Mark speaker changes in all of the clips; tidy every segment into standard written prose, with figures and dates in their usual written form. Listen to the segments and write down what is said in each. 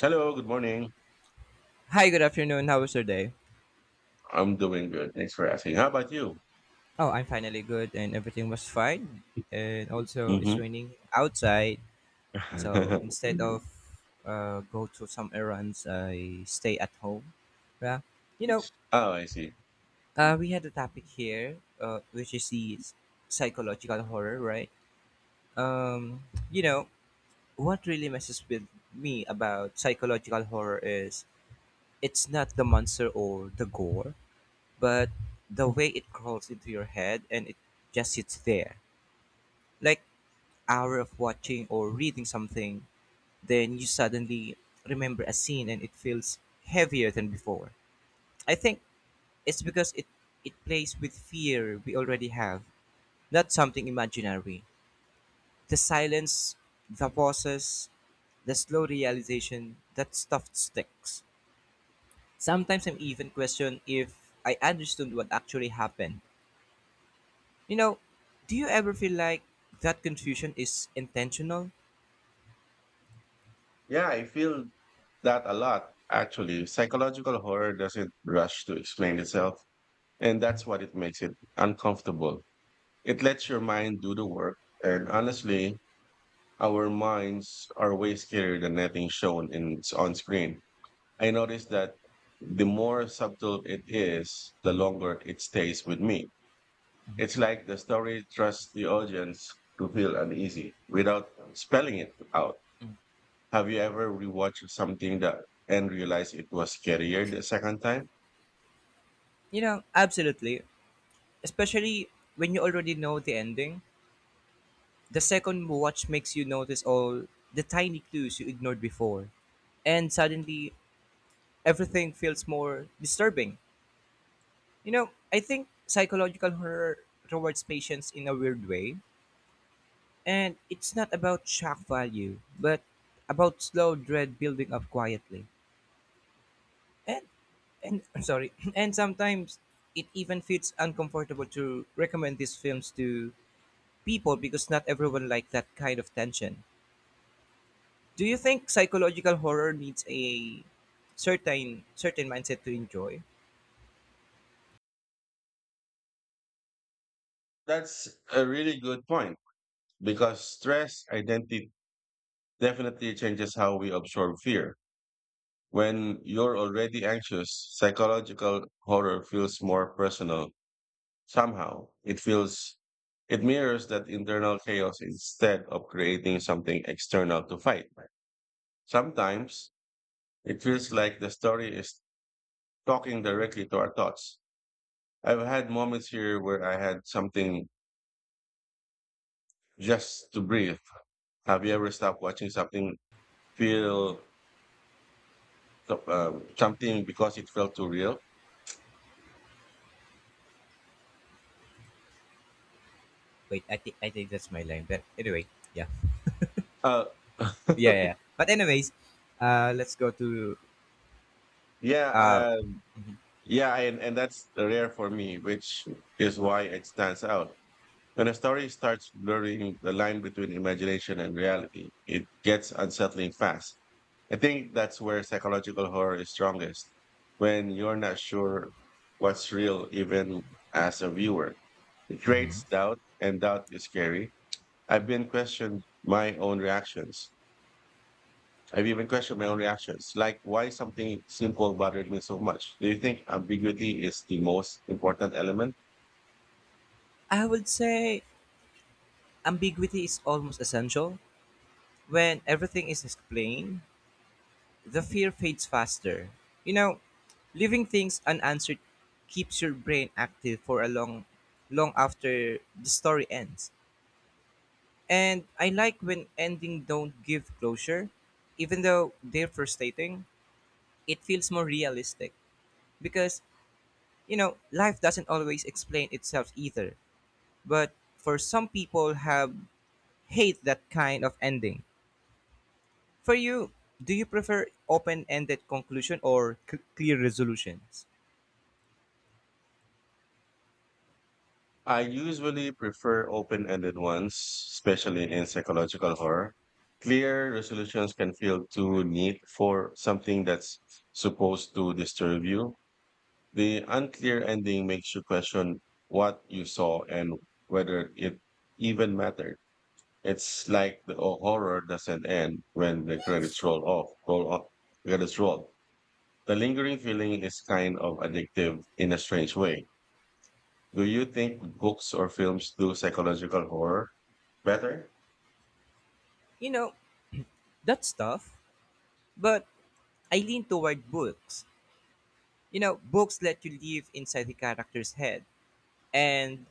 Speaker 1: Hello, good morning.
Speaker 2: Hi, good afternoon. How was your day?
Speaker 1: I'm doing good. Thanks for asking. How about you?
Speaker 2: Oh, I'm finally good and everything was fine. And also, it's
Speaker 1: hmm
Speaker 2: raining outside. So instead of go to some errands, I stay at home. Yeah. You know,
Speaker 1: Oh, I see.
Speaker 2: we had a topic here, which is psychological horror, right? Um, you know, what really messes with me about psychological horror is it's not the monster or the gore but the way it crawls into your head and it just sits there like hour of watching or reading something then you suddenly remember a scene and it feels heavier than before. I think it's because it plays with fear we already have, not something imaginary. The silence, the pauses, the slow realization that stuff sticks. Sometimes I'm even question if I understood what actually happened. You know, do you ever feel like that confusion is intentional?
Speaker 1: Yeah, I feel that a lot, actually. Psychological horror doesn't rush to explain itself, and that's what it makes it uncomfortable. It lets your mind do the work, and honestly, our minds are way scarier than anything shown in on screen. I noticed that the more subtle it is, the longer it stays with me. It's like the story trusts the audience to feel uneasy without spelling it out. Have you ever rewatched something that and realized it was scarier the second time?
Speaker 2: You know, absolutely. Especially when you already know the ending. The second watch makes you notice all the tiny clues you ignored before. And suddenly, everything feels more disturbing. You know, I think psychological horror rewards patience in a weird way. And it's not about shock value, but about slow dread building up quietly. and and I'm sorry, and sometimes it even feels uncomfortable to recommend these films to people because not everyone likes that kind of tension. Do you think psychological horror needs a certain mindset to enjoy?
Speaker 1: That's a really good point because stress identity definitely changes how we absorb fear. When you're already anxious, psychological horror feels more personal somehow. It feels it mirrors that internal chaos instead of creating something external to fight. Sometimes it feels like the story is talking directly to our thoughts. I've had moments here where I had something just to breathe. Have you ever stopped watching something feel uh, something because it felt too real?
Speaker 2: Wait, I think that's my line but anyway, yeah.
Speaker 1: Uh,
Speaker 2: Yeah, yeah, yeah. But anyways, let's go to
Speaker 1: yeah,
Speaker 2: uh
Speaker 1: yeah, and that's rare for me, which is why it stands out. When a story starts blurring the line between imagination and reality, it gets unsettling fast. I think that's where psychological horror is strongest, when you're not sure what's real, even as a viewer. It
Speaker 2: hmm.
Speaker 1: creates doubt, and doubt is scary. I've been questioned my own reactions. I've even questioned my own reactions, like why something simple bothered me so much. Do you think ambiguity is the most important element?
Speaker 2: I would say ambiguity is almost essential. When everything is explained, the fear fades faster. You know, leaving things unanswered keeps your brain active for a long after the story ends. And I like when ending don't give closure. Even though they're frustrating, it feels more realistic because, you know, life doesn't always explain itself either. But for some people have hate that kind of ending. For you, do you prefer open-ended conclusion or clear resolutions?
Speaker 1: I usually prefer open-ended ones, especially in psychological horror. Clear resolutions can feel too neat for something that's supposed to disturb you. The unclear ending makes you question what you saw and whether it even mattered. It's like the horror doesn't end when the credits roll. Credits roll. The lingering feeling is kind of addictive in a strange way. Do you think books or films do psychological horror better?
Speaker 2: You know, that's tough, but I lean toward books. You know, books let you live inside the character's head, and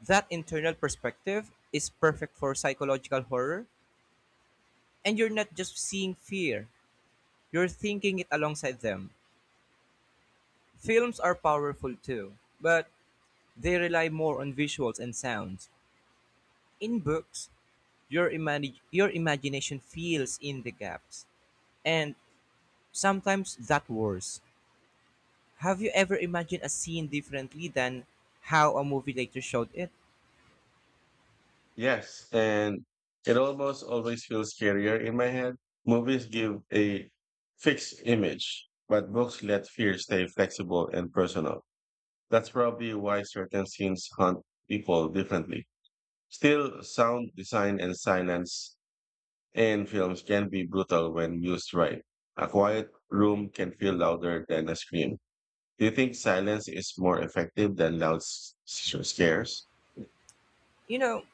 Speaker 2: that internal perspective is perfect for psychological horror, and you're not just seeing fear, you're thinking it alongside them. Films are powerful too, but they rely more on visuals and sounds. In books, your imagination fills in the gaps, and sometimes that worse. Have you ever imagined a scene differently than how a movie later showed it?
Speaker 1: Yes, and it almost always feels scarier in my head. Movies give a fixed image, but books let fear stay flexible and personal. That's probably why certain scenes haunt people differently. Still, sound design and silence in films can be brutal when used right. A quiet room can feel louder than a scream. Do you think silence is more effective than loud scares?
Speaker 2: You know,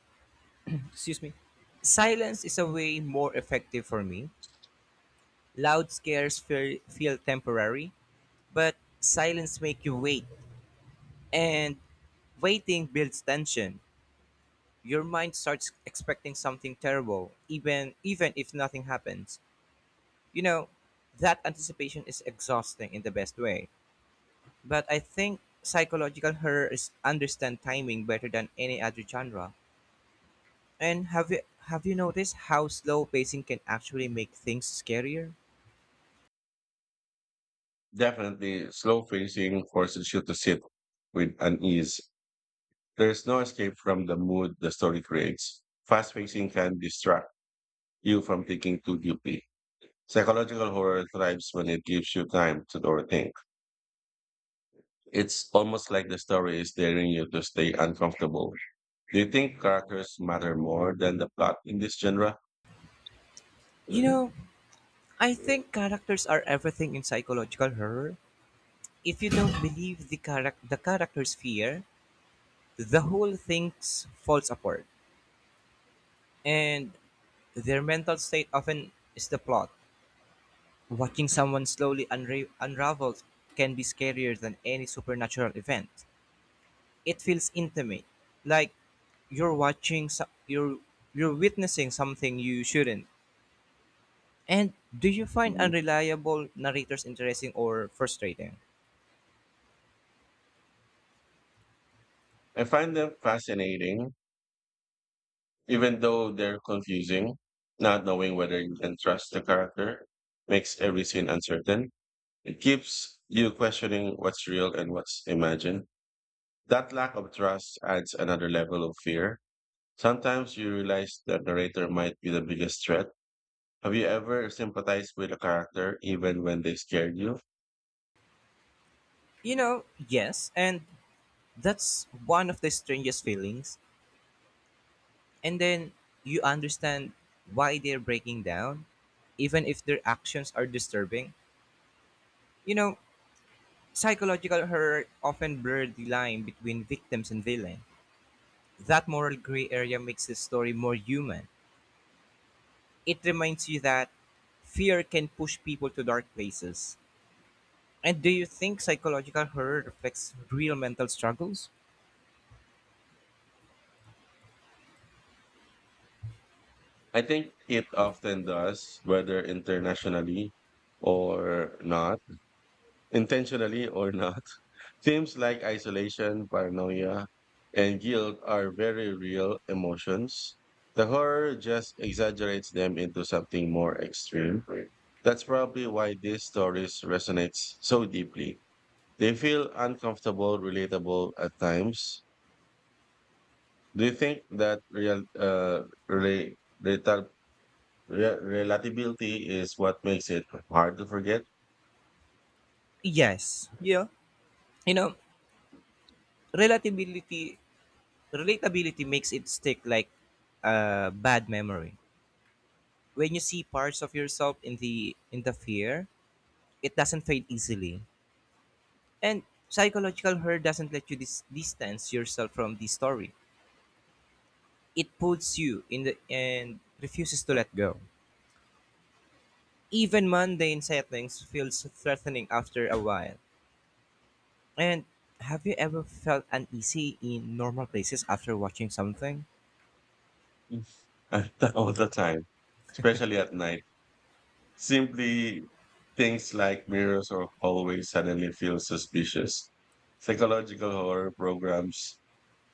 Speaker 2: excuse me. Silence is a way more effective for me. Loud scares feel temporary, but silence make you wait. And waiting builds tension. Your mind starts expecting something terrible, even if nothing happens. You know, that anticipation is exhausting in the best way. But I think psychological horror is understand timing better than any other genre. And have you noticed how slow pacing can actually make things scarier?
Speaker 1: Definitely, slow pacing forces you to sit with unease. There's no escape from the mood the story creates. Fast pacing can distract you from thinking too deeply. Psychological horror thrives when it gives you time to overthink. It's almost like the story is daring you to stay uncomfortable. Do you think characters matter more than the plot in this genre?
Speaker 2: You
Speaker 1: Mhm.
Speaker 2: know, I think characters are everything in psychological horror. If you don't believe the character's fear, the whole thing falls apart. And their mental state often is the plot. Watching someone slowly unravel can be scarier than any supernatural event. It feels intimate, like you're watching, you're witnessing something you shouldn't. And do you find unreliable narrators interesting or frustrating?
Speaker 1: I find them fascinating, even though they're confusing. Not knowing whether you can trust the character makes every scene uncertain. It keeps you questioning what's real and what's imagined. That lack of trust adds another level of fear. Sometimes you realize the narrator might be the biggest threat. Have you ever sympathized with a character even when they scared you?
Speaker 2: You know, yes, and that's one of the strangest feelings. And then you understand why they're breaking down, even if their actions are disturbing. You know, psychological horror often blurs the line between victims and villain. That moral gray area makes the story more human. It reminds you that fear can push people to dark places. And do you think psychological horror reflects real mental struggles?
Speaker 1: I think it often does, whether internationally or not intentionally or not. Themes like isolation, paranoia, and guilt are very real emotions. The horror just exaggerates them into something more extreme. That's probably why these stories resonate so deeply. They feel uncomfortable, relatable at times. Do you think that real rela- retar- relatability is what makes it hard to forget?
Speaker 2: Yes. Yeah. You know, relatability relatability makes it stick like a bad memory. When you see parts of yourself in the fear, it doesn't fade easily. And psychological horror doesn't let you distance yourself from the story. It puts you in the and refuses to let go. Even mundane settings feels threatening after a while. And have you ever felt uneasy in normal places after watching something?
Speaker 1: Yes. All the time, especially at night. Simply things like mirrors or hallways suddenly feel suspicious. Psychological horror programs,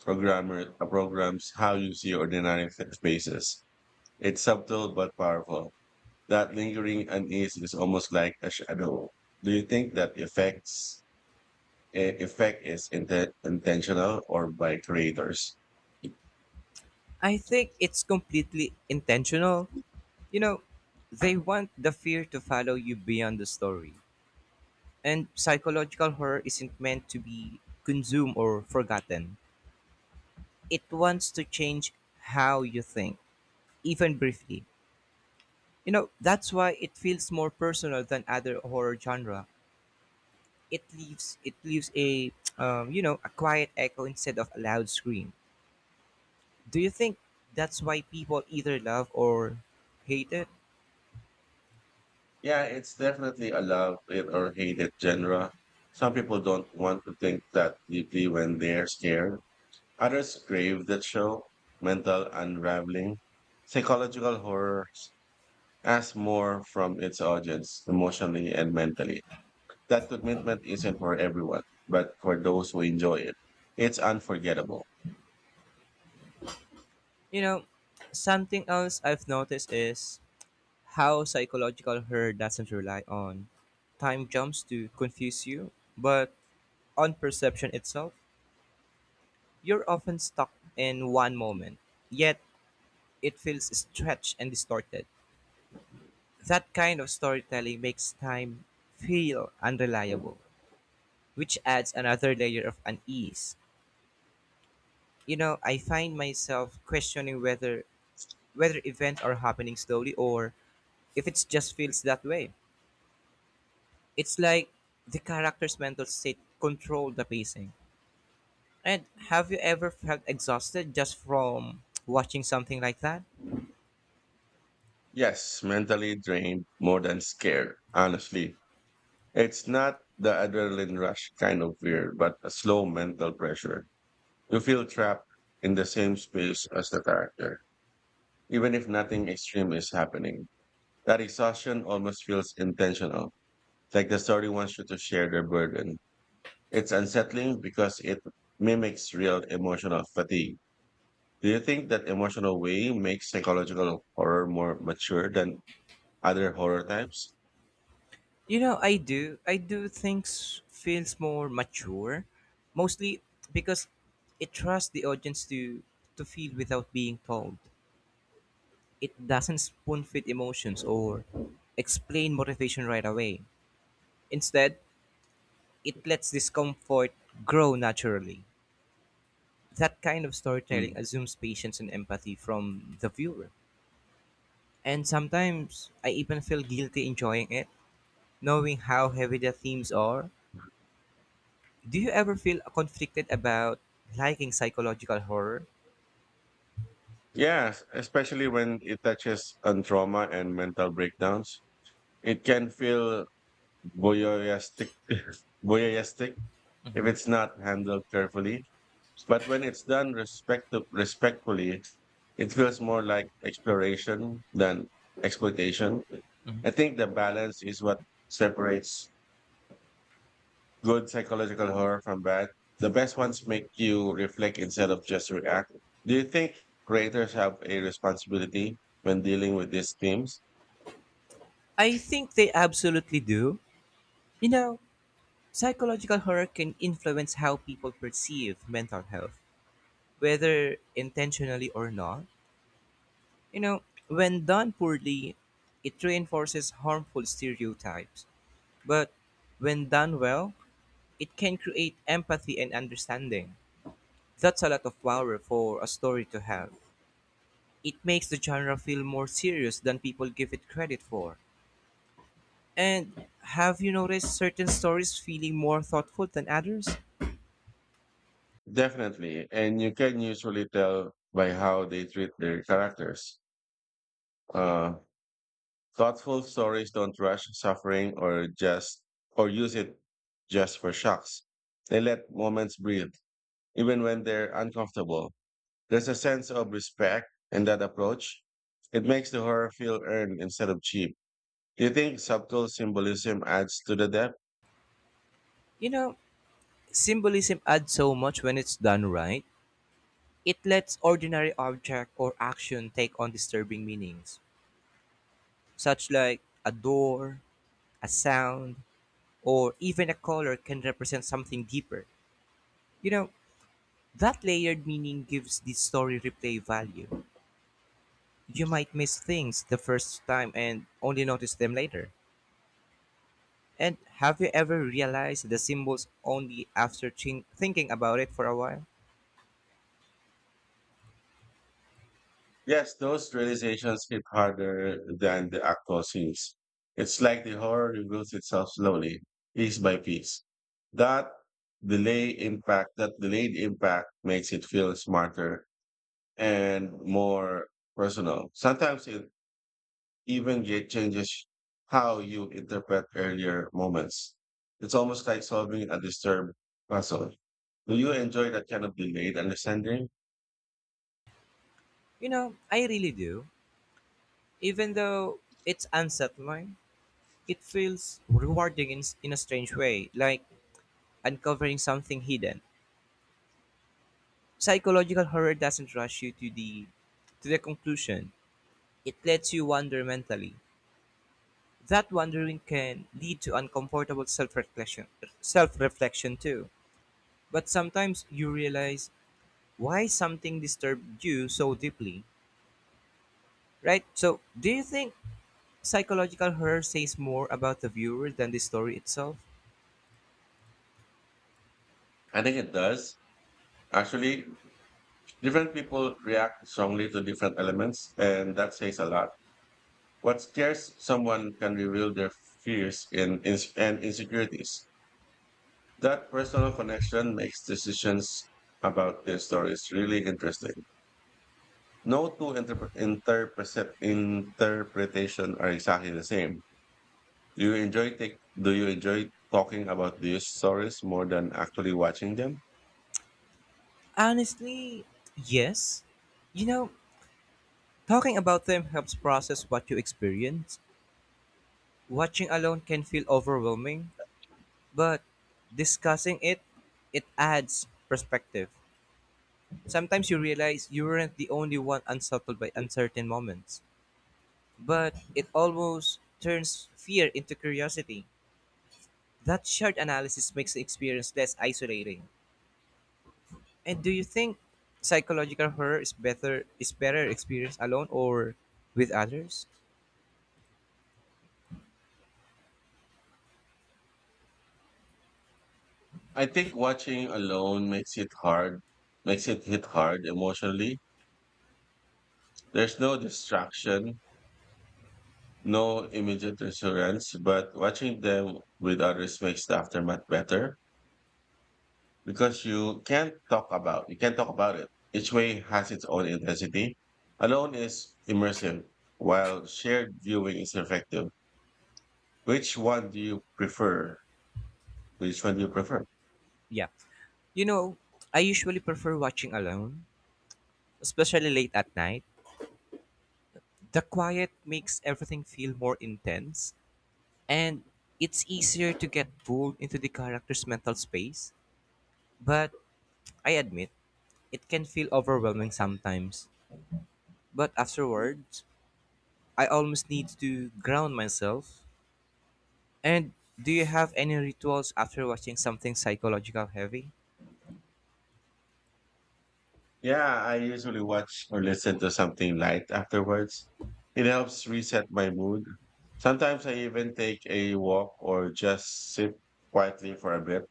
Speaker 1: programmer uh, programs how you see ordinary spaces. It's subtle but powerful. That lingering unease is almost like a shadow. Do you think that effect is intentional or by creators?
Speaker 2: I think it's completely intentional. You know, they want the fear to follow you beyond the story. And psychological horror isn't meant to be consumed or forgotten. It wants to change how you think, even briefly. You know, that's why it feels more personal than other horror genre. It leaves a, a quiet echo instead of a loud scream. Do you think that's why people either love or hate it?
Speaker 1: Yeah, it's definitely a love it or hate it genre. Some people don't want to think that deeply when they're scared. Others crave that show, mental unraveling. Psychological horror asks more from its audience emotionally and mentally. That commitment isn't for everyone, but for those who enjoy it, it's unforgettable.
Speaker 2: You know, something else I've noticed is how psychological horror doesn't rely on time jumps to confuse you, but on perception itself. You're often stuck in one moment, yet it feels stretched and distorted. That kind of storytelling makes time feel unreliable, which adds another layer of unease. You know, I find myself questioning whether events are happening slowly or if it just feels that way. It's like the character's mental state control the pacing. And have you ever felt exhausted just from watching something like that?
Speaker 1: Yes, mentally drained more than scared, honestly. It's not the adrenaline rush kind of fear, but a slow mental pressure. You feel trapped in the same space as the character, even if nothing extreme is happening. That exhaustion almost feels intentional, like the story wants you to share their burden. It's unsettling because it mimics real emotional fatigue. Do you think that emotional way makes psychological horror more mature than other horror types?
Speaker 2: You know, I do. Things feels more mature, mostly because it trusts the audience to feel without being told. It doesn't spoon feed emotions or explain motivation right away. Instead, it lets discomfort grow naturally. That kind of storytelling
Speaker 1: Mm.
Speaker 2: assumes patience and empathy from the viewer. And sometimes I even feel guilty enjoying it, knowing how heavy the themes are. Do you ever feel conflicted about liking psychological horror?
Speaker 1: Yes, especially when it touches on trauma and mental breakdowns. It can feel voyeuristic, voyeuristic if it's not handled carefully. But when it's done respectfully, it feels more like exploration than exploitation. I think the balance is what separates good psychological horror from bad. The best ones make you reflect instead of just react. Do you think creators have a responsibility when dealing with these themes?
Speaker 2: I think they absolutely do. You know, psychological horror can influence how people perceive mental health, whether intentionally or not. You know, when done poorly, it reinforces harmful stereotypes. But when done well, it can create empathy and understanding. That's a lot of power for a story to have. It makes the genre feel more serious than people give it credit for. And have you noticed certain stories feeling more thoughtful than others?
Speaker 1: Definitely. And you can usually tell by how they treat their characters. Uh, Thoughtful stories don't rush suffering or use it just for shocks. They let moments breathe, even when they're uncomfortable. There's a sense of respect in that approach. It makes the horror feel earned instead of cheap. Do you think subtle symbolism adds to the depth?
Speaker 2: You know, symbolism adds so much when it's done right. It lets ordinary object or action take on disturbing meanings, such like a door, a sound, or even a color can represent something deeper. You know, that layered meaning gives the story replay value. You might miss things the first time and only notice them later. And have you ever realized the symbols only after thinking about it for a while?
Speaker 1: Yes, those realizations hit harder than the actual scenes. It's like the horror reveals itself slowly, piece by piece. That delayed impact makes it feel smarter and more personal. Sometimes it even get changes how you interpret earlier moments. It's almost like solving a disturbed puzzle. Do you enjoy that kind of delayed understanding?
Speaker 2: You know, I really do. Even though it's unsettling, it feels rewarding in a strange way, like uncovering something hidden. Psychological horror doesn't rush you to the conclusion. It lets you wander mentally. That wandering can lead to uncomfortable self-reflection too. But sometimes you realize why something disturbed you so deeply, right? So, do you think psychological horror says more about the viewer than the story itself?
Speaker 1: I think it does. Actually, different people react strongly to different elements, and that says a lot. What scares someone can reveal their fears and insecurities. That personal connection makes decisions about their stories really interesting. No two interpretation are exactly the same. Do you enjoy talking about these stories more than actually watching them?
Speaker 2: Honestly, yes. You know, talking about them helps process what you experience. Watching alone can feel overwhelming, but discussing it, it adds perspective. Sometimes you realize you weren't the only one unsettled by uncertain moments, but it almost turns fear into curiosity. That shared analysis makes the experience less isolating. And do you think psychological horror is better experienced alone or with others?
Speaker 1: I think watching alone makes it hit hard emotionally. There's no distraction, no immediate reassurance, but watching them with others makes the aftermath better because you can't talk about it. Each way has its own intensity. Alone is immersive, while shared viewing is effective. Which one do you prefer? Which one do you prefer?
Speaker 2: Yeah. You know, I usually prefer watching alone, especially late at night. The quiet makes everything feel more intense, and it's easier to get pulled into the character's mental space. But I admit, it can feel overwhelming sometimes. But afterwards, I almost need to ground myself. And do you have any rituals after watching something psychological heavy?
Speaker 1: Yeah, I usually watch or listen to something light afterwards. It helps reset my mood. Sometimes I even take a walk or just sit quietly for a bit.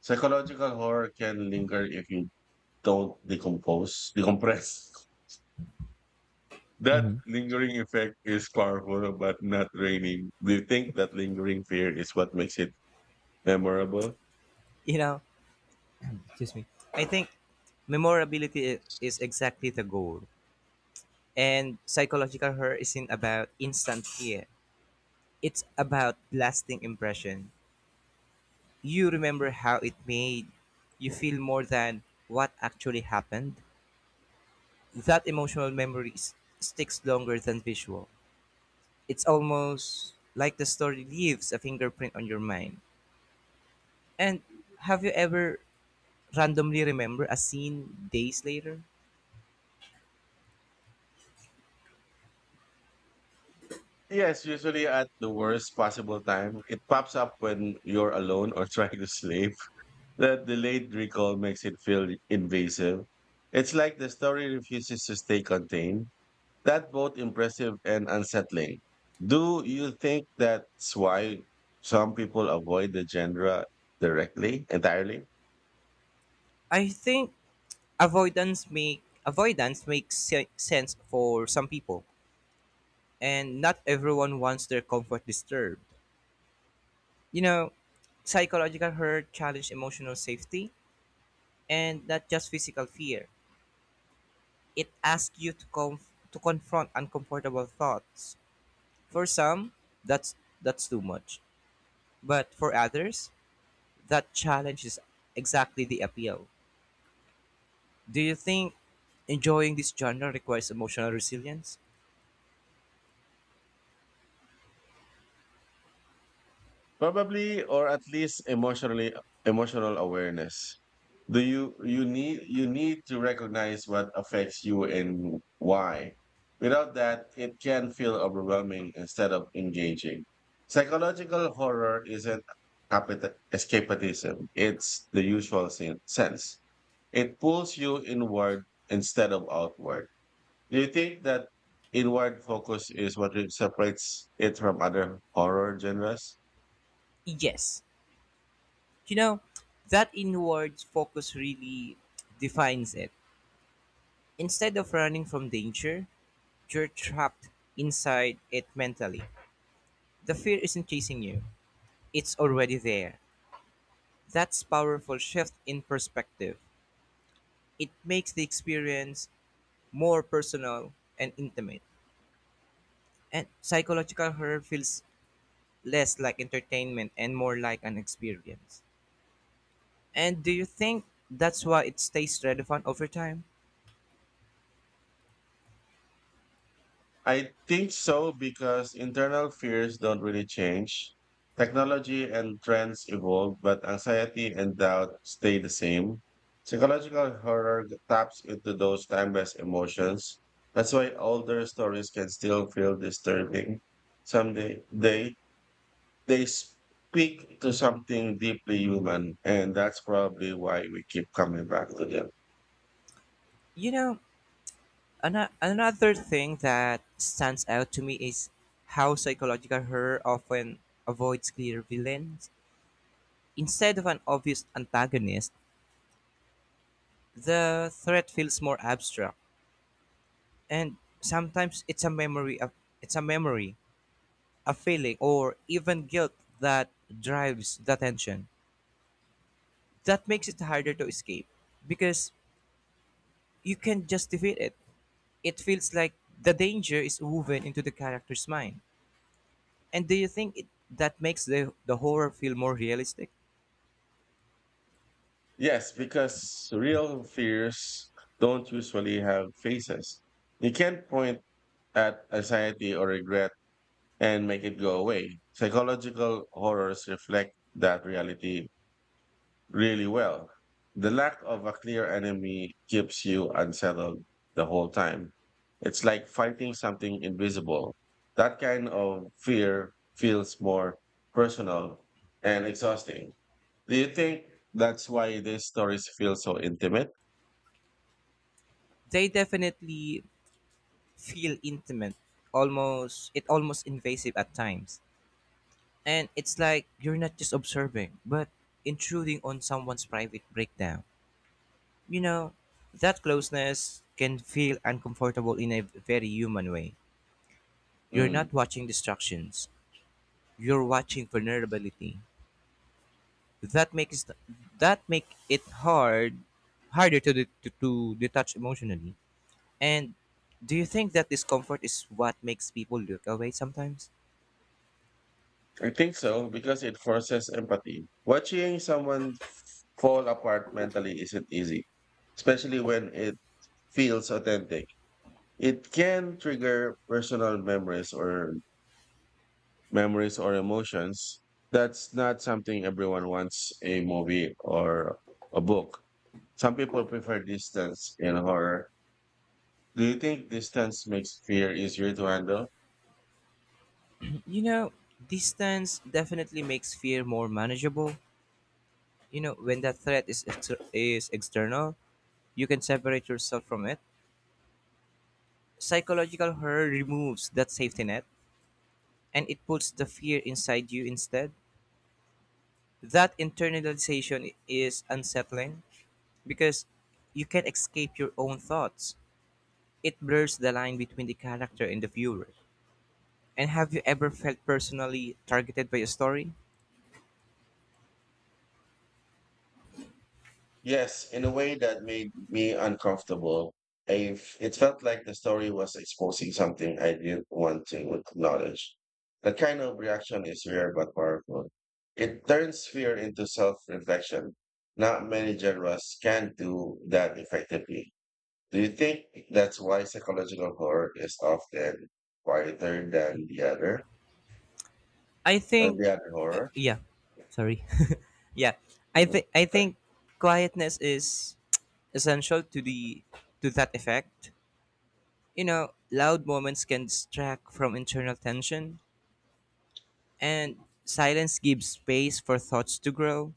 Speaker 1: Psychological horror can linger if you don't decompose, decompress. That
Speaker 2: Hmm.
Speaker 1: lingering effect is powerful but not draining. Do you think that lingering fear is what makes it memorable?
Speaker 2: You know, excuse me. I think memorability is exactly the goal. And psychological horror isn't about instant fear. It's about lasting impression. You remember how it made you feel more than what actually happened. That emotional memory sticks longer than visual. It's almost like the story leaves a fingerprint on your mind. And have you ever randomly remember a scene days later?
Speaker 1: Yes, usually at the worst possible time. It pops up when you're alone or trying to sleep. That delayed recall makes it feel invasive. It's like the story refuses to stay contained. That's both impressive and unsettling. Do you think that's why some people avoid the entirely?
Speaker 2: I think avoidance makes sense for some people and not everyone wants their comfort disturbed. You know, psychological hurt challenge emotional safety and not just physical fear. It asks you to to confront uncomfortable thoughts. For some, that's that's too much. But for others, that challenge is exactly the appeal. Do you think enjoying this genre requires emotional resilience?
Speaker 1: Probably, or at least emotional awareness. Do you you need to recognize what affects you and why. Without that, it can feel overwhelming instead of engaging. Psychological horror isn't escapism; it's the usual sense. It pulls you inward instead of outward. Do you think that inward focus is what separates it from other horror genres?
Speaker 2: Yes. You know, that inward focus really defines it. Instead of running from danger, you're trapped inside it mentally. The fear isn't chasing you, it's already there. That's powerful shift in perspective. It makes the experience more personal and intimate. And psychological horror feels less like entertainment and more like an experience. And do you think that's why it stays relevant over time?
Speaker 1: I think so because internal fears don't really change. Technology and trends evolve, but anxiety and doubt stay the same. Psychological horror taps into those timeless emotions. That's why older stories can still feel disturbing. Someday they speak to something deeply human, and that's probably why we keep coming back to them.
Speaker 2: You know, another thing that stands out to me is how psychological horror often avoids clear villains. Instead of an obvious antagonist, the threat feels more abstract, and sometimes it's a memory, a feeling, or even guilt that drives the tension. That makes it harder to escape because you can just defeat it. It feels like the danger is woven into the character's mind. And do you think that makes the horror feel more realistic?
Speaker 1: Yes, because real fears don't usually have faces. You can't point at anxiety or regret and make it go away. Psychological horrors reflect that reality really well. The lack of a clear enemy keeps you unsettled the whole time. It's like fighting something invisible. That kind of fear feels more personal and exhausting. Do you think that's why these stories feel so intimate?
Speaker 2: They definitely feel intimate, almost it almost invasive at times. And it's like you're not just observing, but intruding on someone's private breakdown. You know, that closeness can feel uncomfortable in a very human way. You're
Speaker 1: Mm,
Speaker 2: not watching destructions. You're watching vulnerability. That makes that make it harder to detach emotionally. And do you think that discomfort is what makes people look away sometimes?
Speaker 1: I think so because it forces empathy. Watching someone fall apart mentally isn't easy, especially when it feels authentic. It can trigger personal memories or emotions. That's not something everyone wants a movie or a book. Some people prefer distance in horror. Do you think distance makes fear easier to handle?
Speaker 2: You know, distance definitely makes fear more manageable. You know, when that threat is external, you can separate yourself from it. Psychological horror removes that safety net and it puts the fear inside you instead. That internalization is unsettling because you can't escape your own thoughts. It blurs the line between the character and the viewer. And have you ever felt personally targeted by a story?
Speaker 1: Yes, in a way that made me uncomfortable. I, it felt like the story was exposing something I didn't want to acknowledge. That kind of reaction is rare but powerful. It turns fear into self-reflection. Not many genres can do that effectively. Do you think that's why psychological horror is often quieter than
Speaker 2: I think
Speaker 1: the other horror?
Speaker 2: yeah. Sorry. Yeah. I
Speaker 1: Mhm.
Speaker 2: think I think quietness is essential to the to that effect. You know, loud moments can distract from internal tension and silence gives space for thoughts to grow.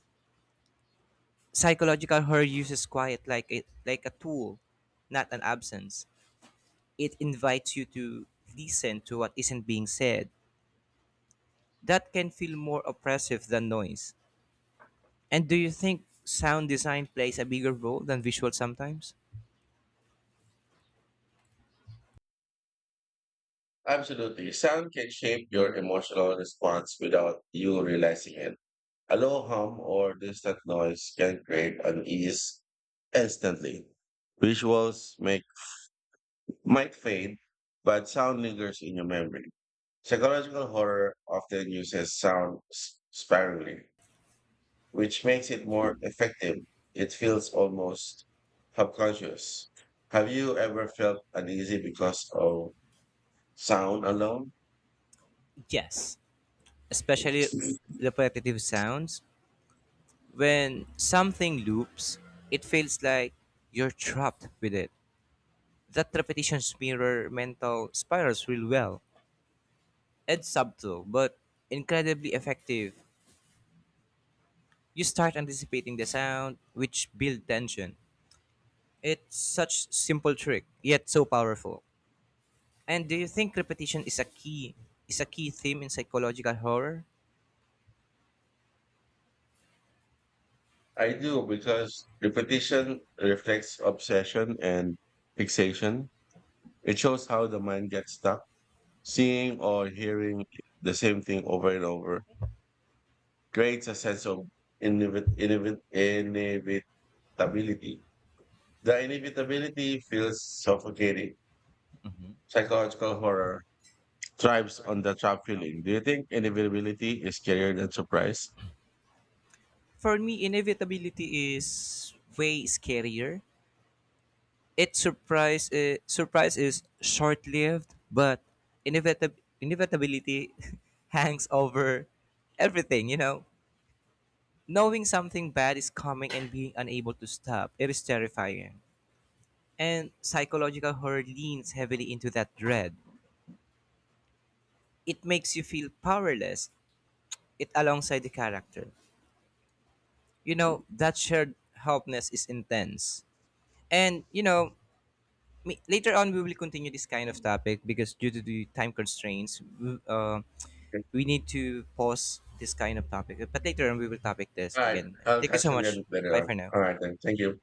Speaker 2: Psychological horror uses quiet like a tool, not an absence. It invites you to listen to what isn't being said that can feel more oppressive than noise. And do you think sound design plays a bigger role than visual sometimes?
Speaker 1: Absolutely. Sound can shape your emotional response without you realizing it. A low hum or distant noise can create unease instantly. Visuals make might fade, but sound lingers in your memory. Psychological horror often uses sound sparingly, which makes it more effective. It feels almost subconscious. Have you ever felt uneasy because of sound alone?
Speaker 2: Yes, especially repetitive sounds. When something loops, it feels like you're trapped with it. That repetitions mirror mental spirals real well. It's subtle, but incredibly effective. You start anticipating the sound, which build tension. It's such simple trick, yet so powerful. And do you think repetition is a key theme in psychological horror?
Speaker 1: I do because repetition reflects obsession and fixation. It shows how the mind gets stuck. Seeing or hearing the same thing over and over creates a sense of inevitability. The inevitability feels suffocating. Psychological horror thrives on the trap feeling. Do you think inevitability is scarier than surprise?
Speaker 2: For me, inevitability is way scarier. It surprise is short lived, but inevitability hangs over everything. You know, knowing something bad is coming and being unable to stop it is terrifying. And psychological horror leans heavily into that dread. It makes you feel powerless. It alongside the character, you know, that shared helpness is intense. And you know, later on we will continue this kind of topic because due to the time constraints we need to pause this kind of topic but later on we will topic this
Speaker 1: All right,
Speaker 2: again and
Speaker 1: I'll
Speaker 2: thank you so
Speaker 1: catch you
Speaker 2: much.
Speaker 1: again
Speaker 2: Bye
Speaker 1: later on.
Speaker 2: for now.
Speaker 1: All right, then. Thank you.